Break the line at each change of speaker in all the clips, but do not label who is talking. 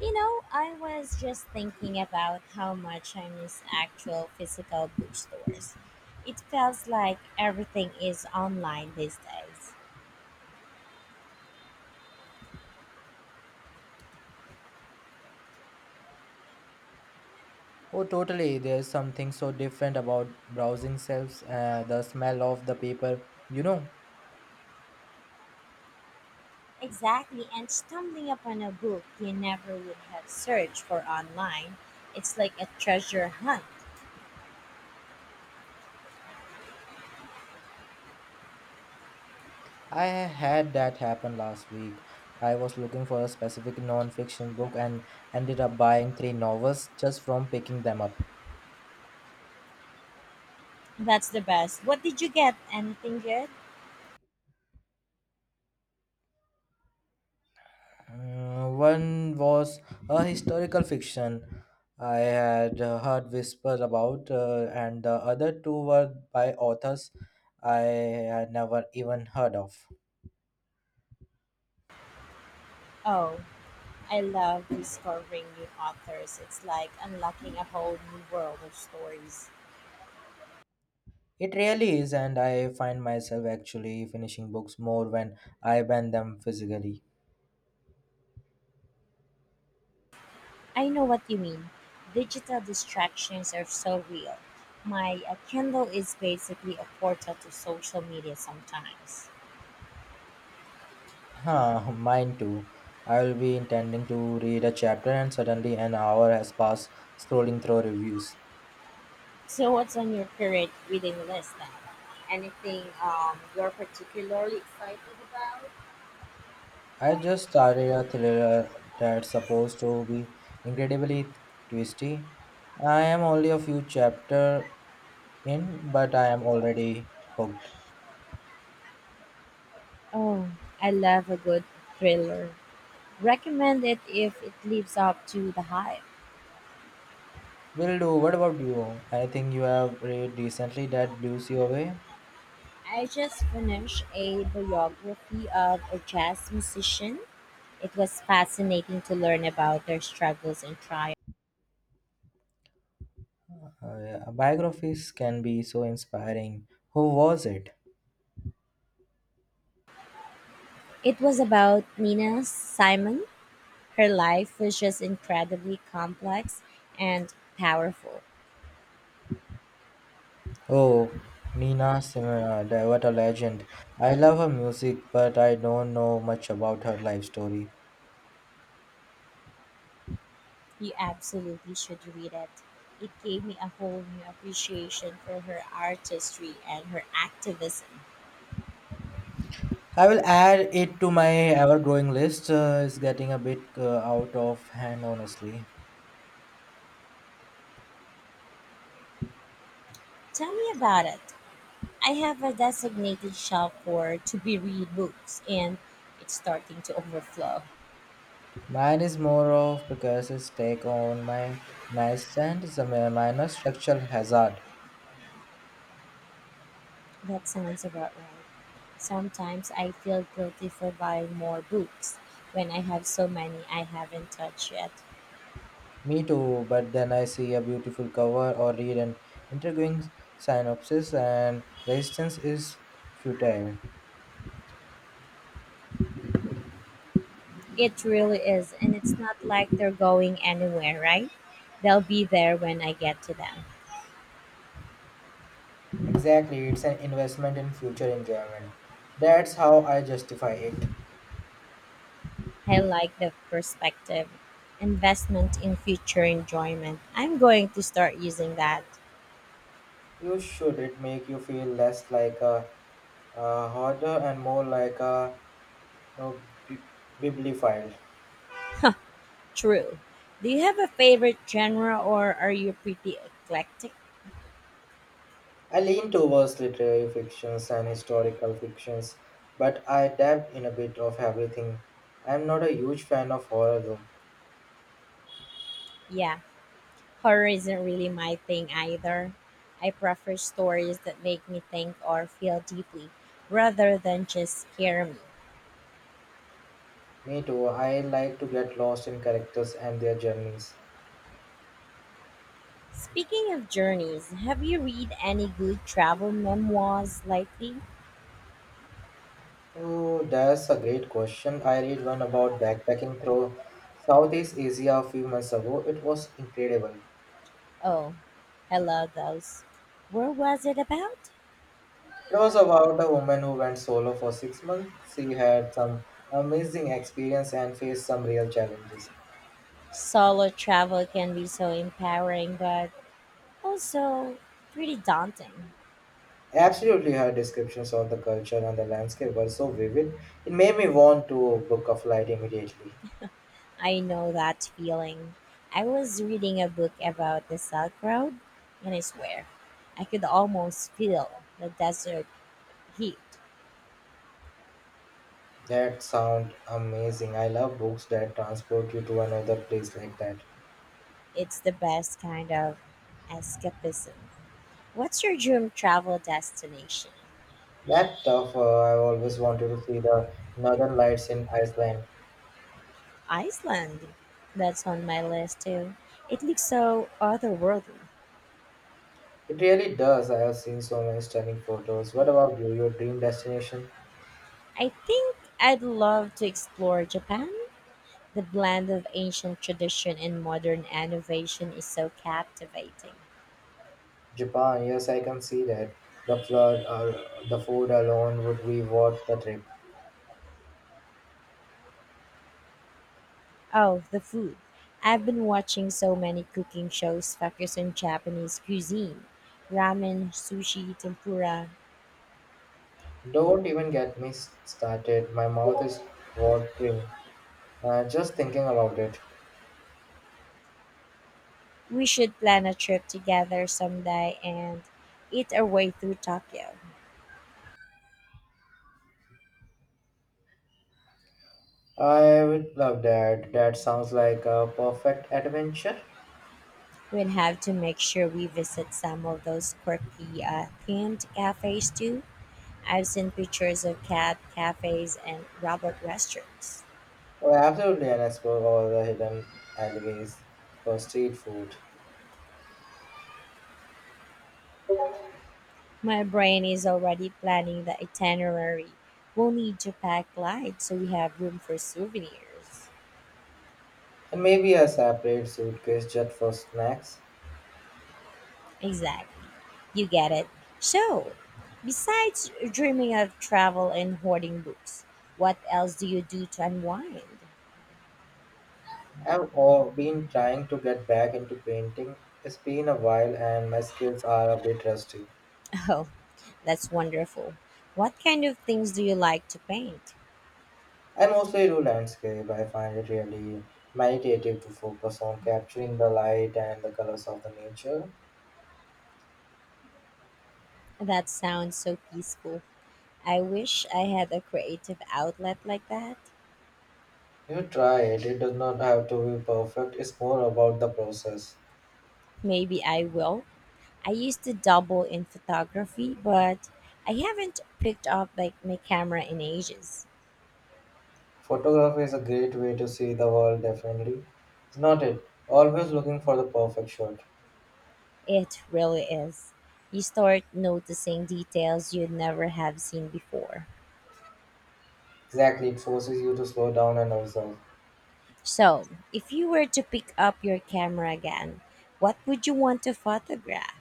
You know, I was just thinking about how much I miss actual physical bookstores. It feels like everything is online these days.
Oh, totally. There's something so different about browsing shelves, the smell of the paper. You know,
Exactly, and stumbling upon a book you never would have searched for online, it's like a treasure hunt.
I had that happen last week. I was looking for a specific non-fiction book and ended up buying three novels just from picking them up.
That's the best. What did you get? Anything good?
Mm, one was a historical fiction I had heard whispers about, and the other two were by authors I had never even heard of.
Oh, I love discovering new authors. It's like unlocking a whole new world of stories.
It really is, and I find myself actually finishing books more when I bend them physically.
I know what you mean. Digital distractions are so real. My Kindle is basically a portal to social media sometimes.
Huh, mine too. I will be intending to read a chapter, and suddenly an hour has passed scrolling through reviews.
So, what's on your current reading list then? Anything you're particularly excited about?
I just started a thriller that's supposed to be incredibly twisty. I am only a few chapter in, but I am already hooked.
Oh, I love a good thriller. Recommend it if it lives up to the hype.
Will do. What about you? Anything you have read recently that blew you away?
I just finished a biography of a jazz musician. It was fascinating to learn about their struggles and triumphs.
Yeah, biographies can be so inspiring. Who was it?
It was about Nina Simon. Her life was just incredibly complex and powerful.
Oh, Nina Simone, what a legend. I love her music, but I don't know much about her life story.
You absolutely should read it. It gave me a whole new appreciation for her artistry and her activism.
I will add it to my ever-growing list. It's getting a bit out of hand, honestly.
Tell me about it. I have a designated shop for to be read books and it's starting to overflow.
Mine is more of Picasso's take on my nightstand. It's a minor structural hazard.
That sounds about right. Sometimes I feel guilty for buying more books when I have so many I haven't touched yet.
Me too, but then I see a beautiful cover or read an intriguing synopsis, and resistance is futile.
It really is, and it's not like they're going anywhere, right? They'll be there when I get to them.
Exactly, it's an investment in future enjoyment. That's how I justify it.
I like the perspective. Investment in future enjoyment. I'm going to start using that.
You should it make you feel less like a hoarder and more like a you know, bi- bibliophile.
True. Do you have a favorite genre or are you pretty eclectic?
I lean towards literary fictions and historical fictions, but I dabbled in a bit of everything. I'm not a huge fan of horror though.
Yeah, horror isn't really my thing either. I prefer stories that make me think or feel deeply rather than just scare me.
Me too. I like to get lost in characters and their journeys.
Speaking of journeys, have you read any good travel memoirs lately?
Oh, that's a great question. I read one about backpacking through Southeast Asia a few months ago. It was incredible.
Oh, I love those. Where was it about?
It was about a woman who went solo for 6 months. She had some amazing experience and faced some real challenges.
Solo travel can be so empowering, but also pretty daunting.
Absolutely, her descriptions of the culture and the landscape were so vivid. It made me want to book a flight immediately.
I know that feeling. I was reading a book about the Silk Road, and I swear, I could almost feel the desert heat.
That sound amazing. I love books that transport you to another place like that.
It's the best kind of escapism. What's your dream travel destination?
That stuff, I've always wanted to see the northern lights in Iceland.
Iceland. That's on my list too. It looks so otherworldly.
It really does. I have seen so many stunning photos. What about you? Your dream destination?
I think I'd love to explore Japan. The blend of ancient tradition and modern innovation is so captivating.
Japan. Yes, I can see that. The flood or The food alone would be worth the trip.
Oh, the food. I've been watching so many cooking shows focused on Japanese cuisine ramen, sushi, tempura.
Don't even get me started. My mouth is watering. Just thinking about it.
We should plan a trip together someday and eat our way through Tokyo.
I would love that. That sounds like a perfect adventure.
We'll have to make sure we visit some of those quirky themed cafes too. I've seen pictures of cat cafes and robot restaurants.
Oh, absolutely, and explore all the hidden alleyways for street food.
My brain is already planning the itinerary. We'll need to pack light so we have room for souvenirs.
And maybe a separate suitcase just for snacks.
Exactly. You get it. So, besides dreaming of travel and hoarding books, what else do you do to unwind?
I've all been trying to get back into painting. It's been a while and my skills are a bit rusty.
Oh, that's wonderful. What kind of things do you like to paint?
I mostly do landscape. I find it really meditative to focus on capturing the light and the colors of the nature.
That sounds so peaceful. I wish I had a creative outlet like that.
You try it, it does not have to be perfect, it's more about the process.
Maybe I will. I used to dabble in photography, but I haven't picked up like my camera in ages.
Photography is a great way to see the world differently. It's not it, always looking for the perfect shot.
It really is. You start noticing details you'd never have seen before.
Exactly, it forces you to slow down and observe.
So, if you were to pick up your camera again, what would you want to photograph?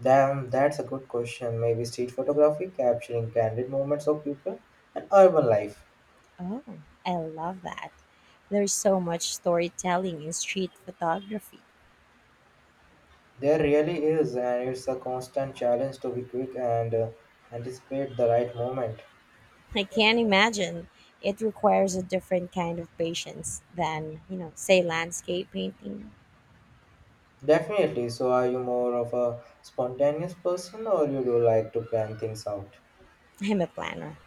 Damn, that's a good question. Maybe street photography, capturing candid moments of people and urban life.
Oh, I love that. There's so much storytelling in street photography.
There really is, and it's a constant challenge to be quick and anticipate the right moment.
I can't imagine. It requires a different kind of patience than, you know, say landscape painting.
Definitely. So, are you more of a spontaneous person or you do like to plan things out?
I'm a planner.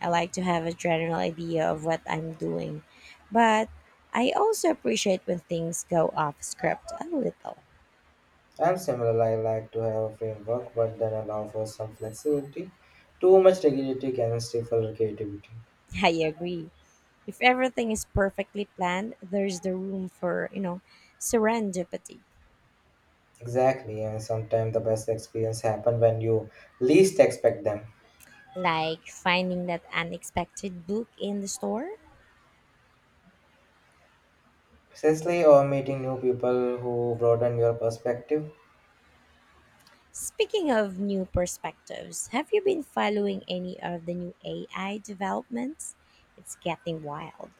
I like to have a general idea of what I'm doing. But I also appreciate when things go off script a little.
I'm similar. I like to have a framework but then allow for some flexibility. Too much rigidity can stifle creativity.
I agree. If everything is perfectly planned, there's the room for, you know, serendipity.
Exactly. And sometimes the best experience happen when you least expect them.
Like finding that unexpected book in the store.
Precisely, or meeting new people who broaden your perspective.
Speaking of new perspectives, have you been following any of the new AI developments? It's getting wild.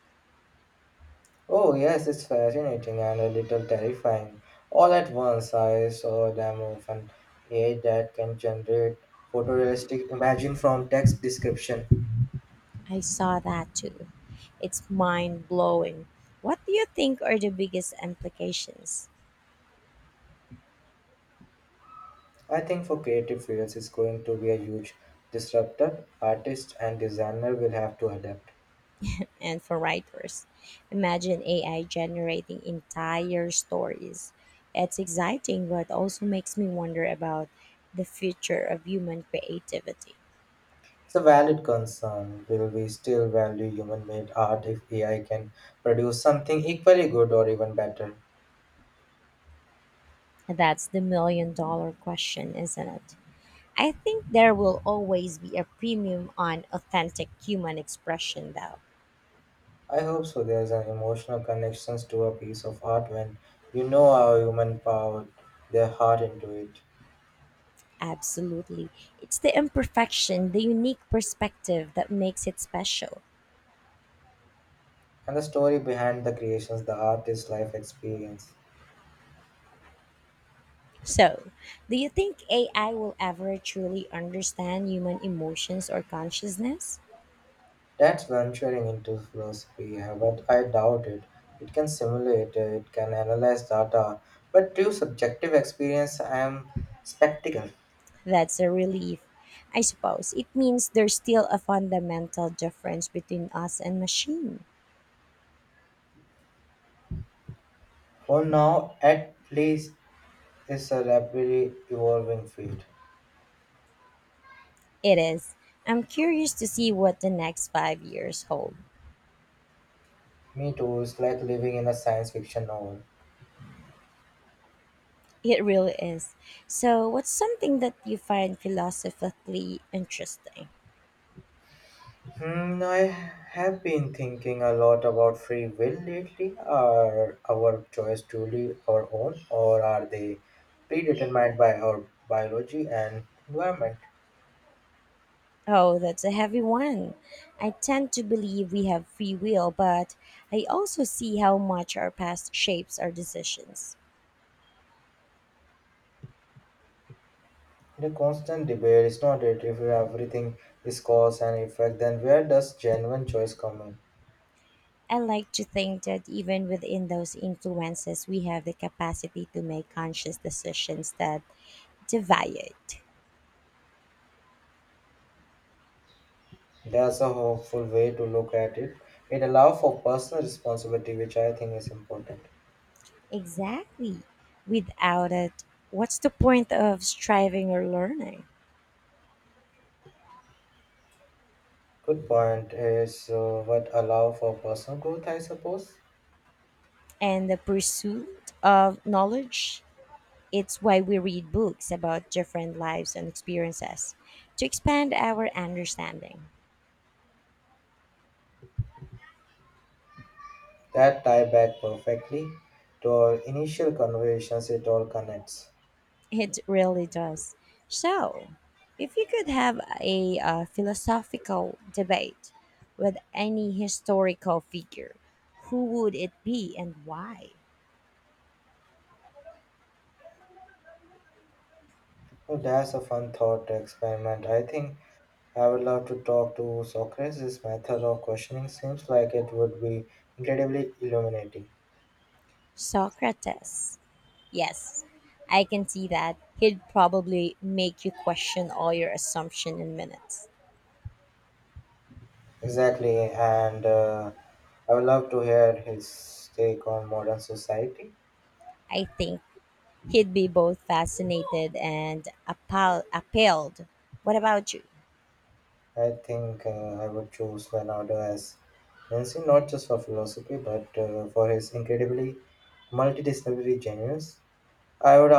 Oh, yes, it's fascinating and a little terrifying. All at once, I saw a demo of an AI that can generate photorealistic imaging from text description.
I saw that too. It's mind blowing. What do you think are the biggest implications?
I think for creative fields, it's going to be a huge disruptor. Artists and designer will have to adapt.
And for writers, imagine AI generating entire stories. It's exciting, but also makes me wonder about the future of human creativity.
It's a valid concern. Will we still value human-made art if AI can produce something equally good or even better?
That's the million-dollar question, isn't it? I think there will always be a premium on authentic human expression, though.
I hope so. There's an emotional connection to a piece of art when you know how human poured their heart into it.
Absolutely. It's the imperfection, the unique perspective that makes it special.
And the story behind the creations, the artist's life experience.
So, do you think AI will ever truly understand human emotions or consciousness?
That's venturing into philosophy, yeah, but I doubt it. It can simulate, it can analyze data, but true subjective experience, I am spectacle.
That's a relief. I suppose it means there's still a fundamental difference between us and machine.
For now, at least, it's a rapidly evolving field.
It is. I'm curious to see what the next 5 years hold.
Me too, it's like living in a science fiction novel.
It really is. So, what's something that you find philosophically interesting?
Hmm, I have been thinking a lot about free will lately. Are our choice truly our own, or are they predetermined by our biology and environment?
Oh, that's a heavy one. I tend to believe we have free will, but I also see how much our past shapes our decisions.
The constant debate is not it. If everything is cause and effect, then where does genuine choice come in?
I like to think that even within those influences, we have the capacity to make conscious decisions that deviate.
That's a hopeful way to look at it. It allows for personal responsibility, which I think is important.
Exactly. Without it, what's the point of striving or learning?
Good point is what allow for personal growth, I suppose.
And the pursuit of knowledge, it's why we read books about different lives and experiences to expand our understanding.
That tie back perfectly to our initial conversations, it all connects.
It really does. So, if you could have a philosophical debate with any historical figure, who would it be and why?
So that's a fun thought experiment. I think I would love to talk to Socrates' method of questioning seems like it would be incredibly illuminating.
Socrates. Yes, I can see that. He'd probably make you question all your assumption in minutes.
Exactly, and I would love to hear his take on modern society.
I think he'd be both fascinated and appalled. What about you?
I think I would choose Leonardo as Nancy, not just for philosophy, but for his incredibly multidisciplinary genius. I would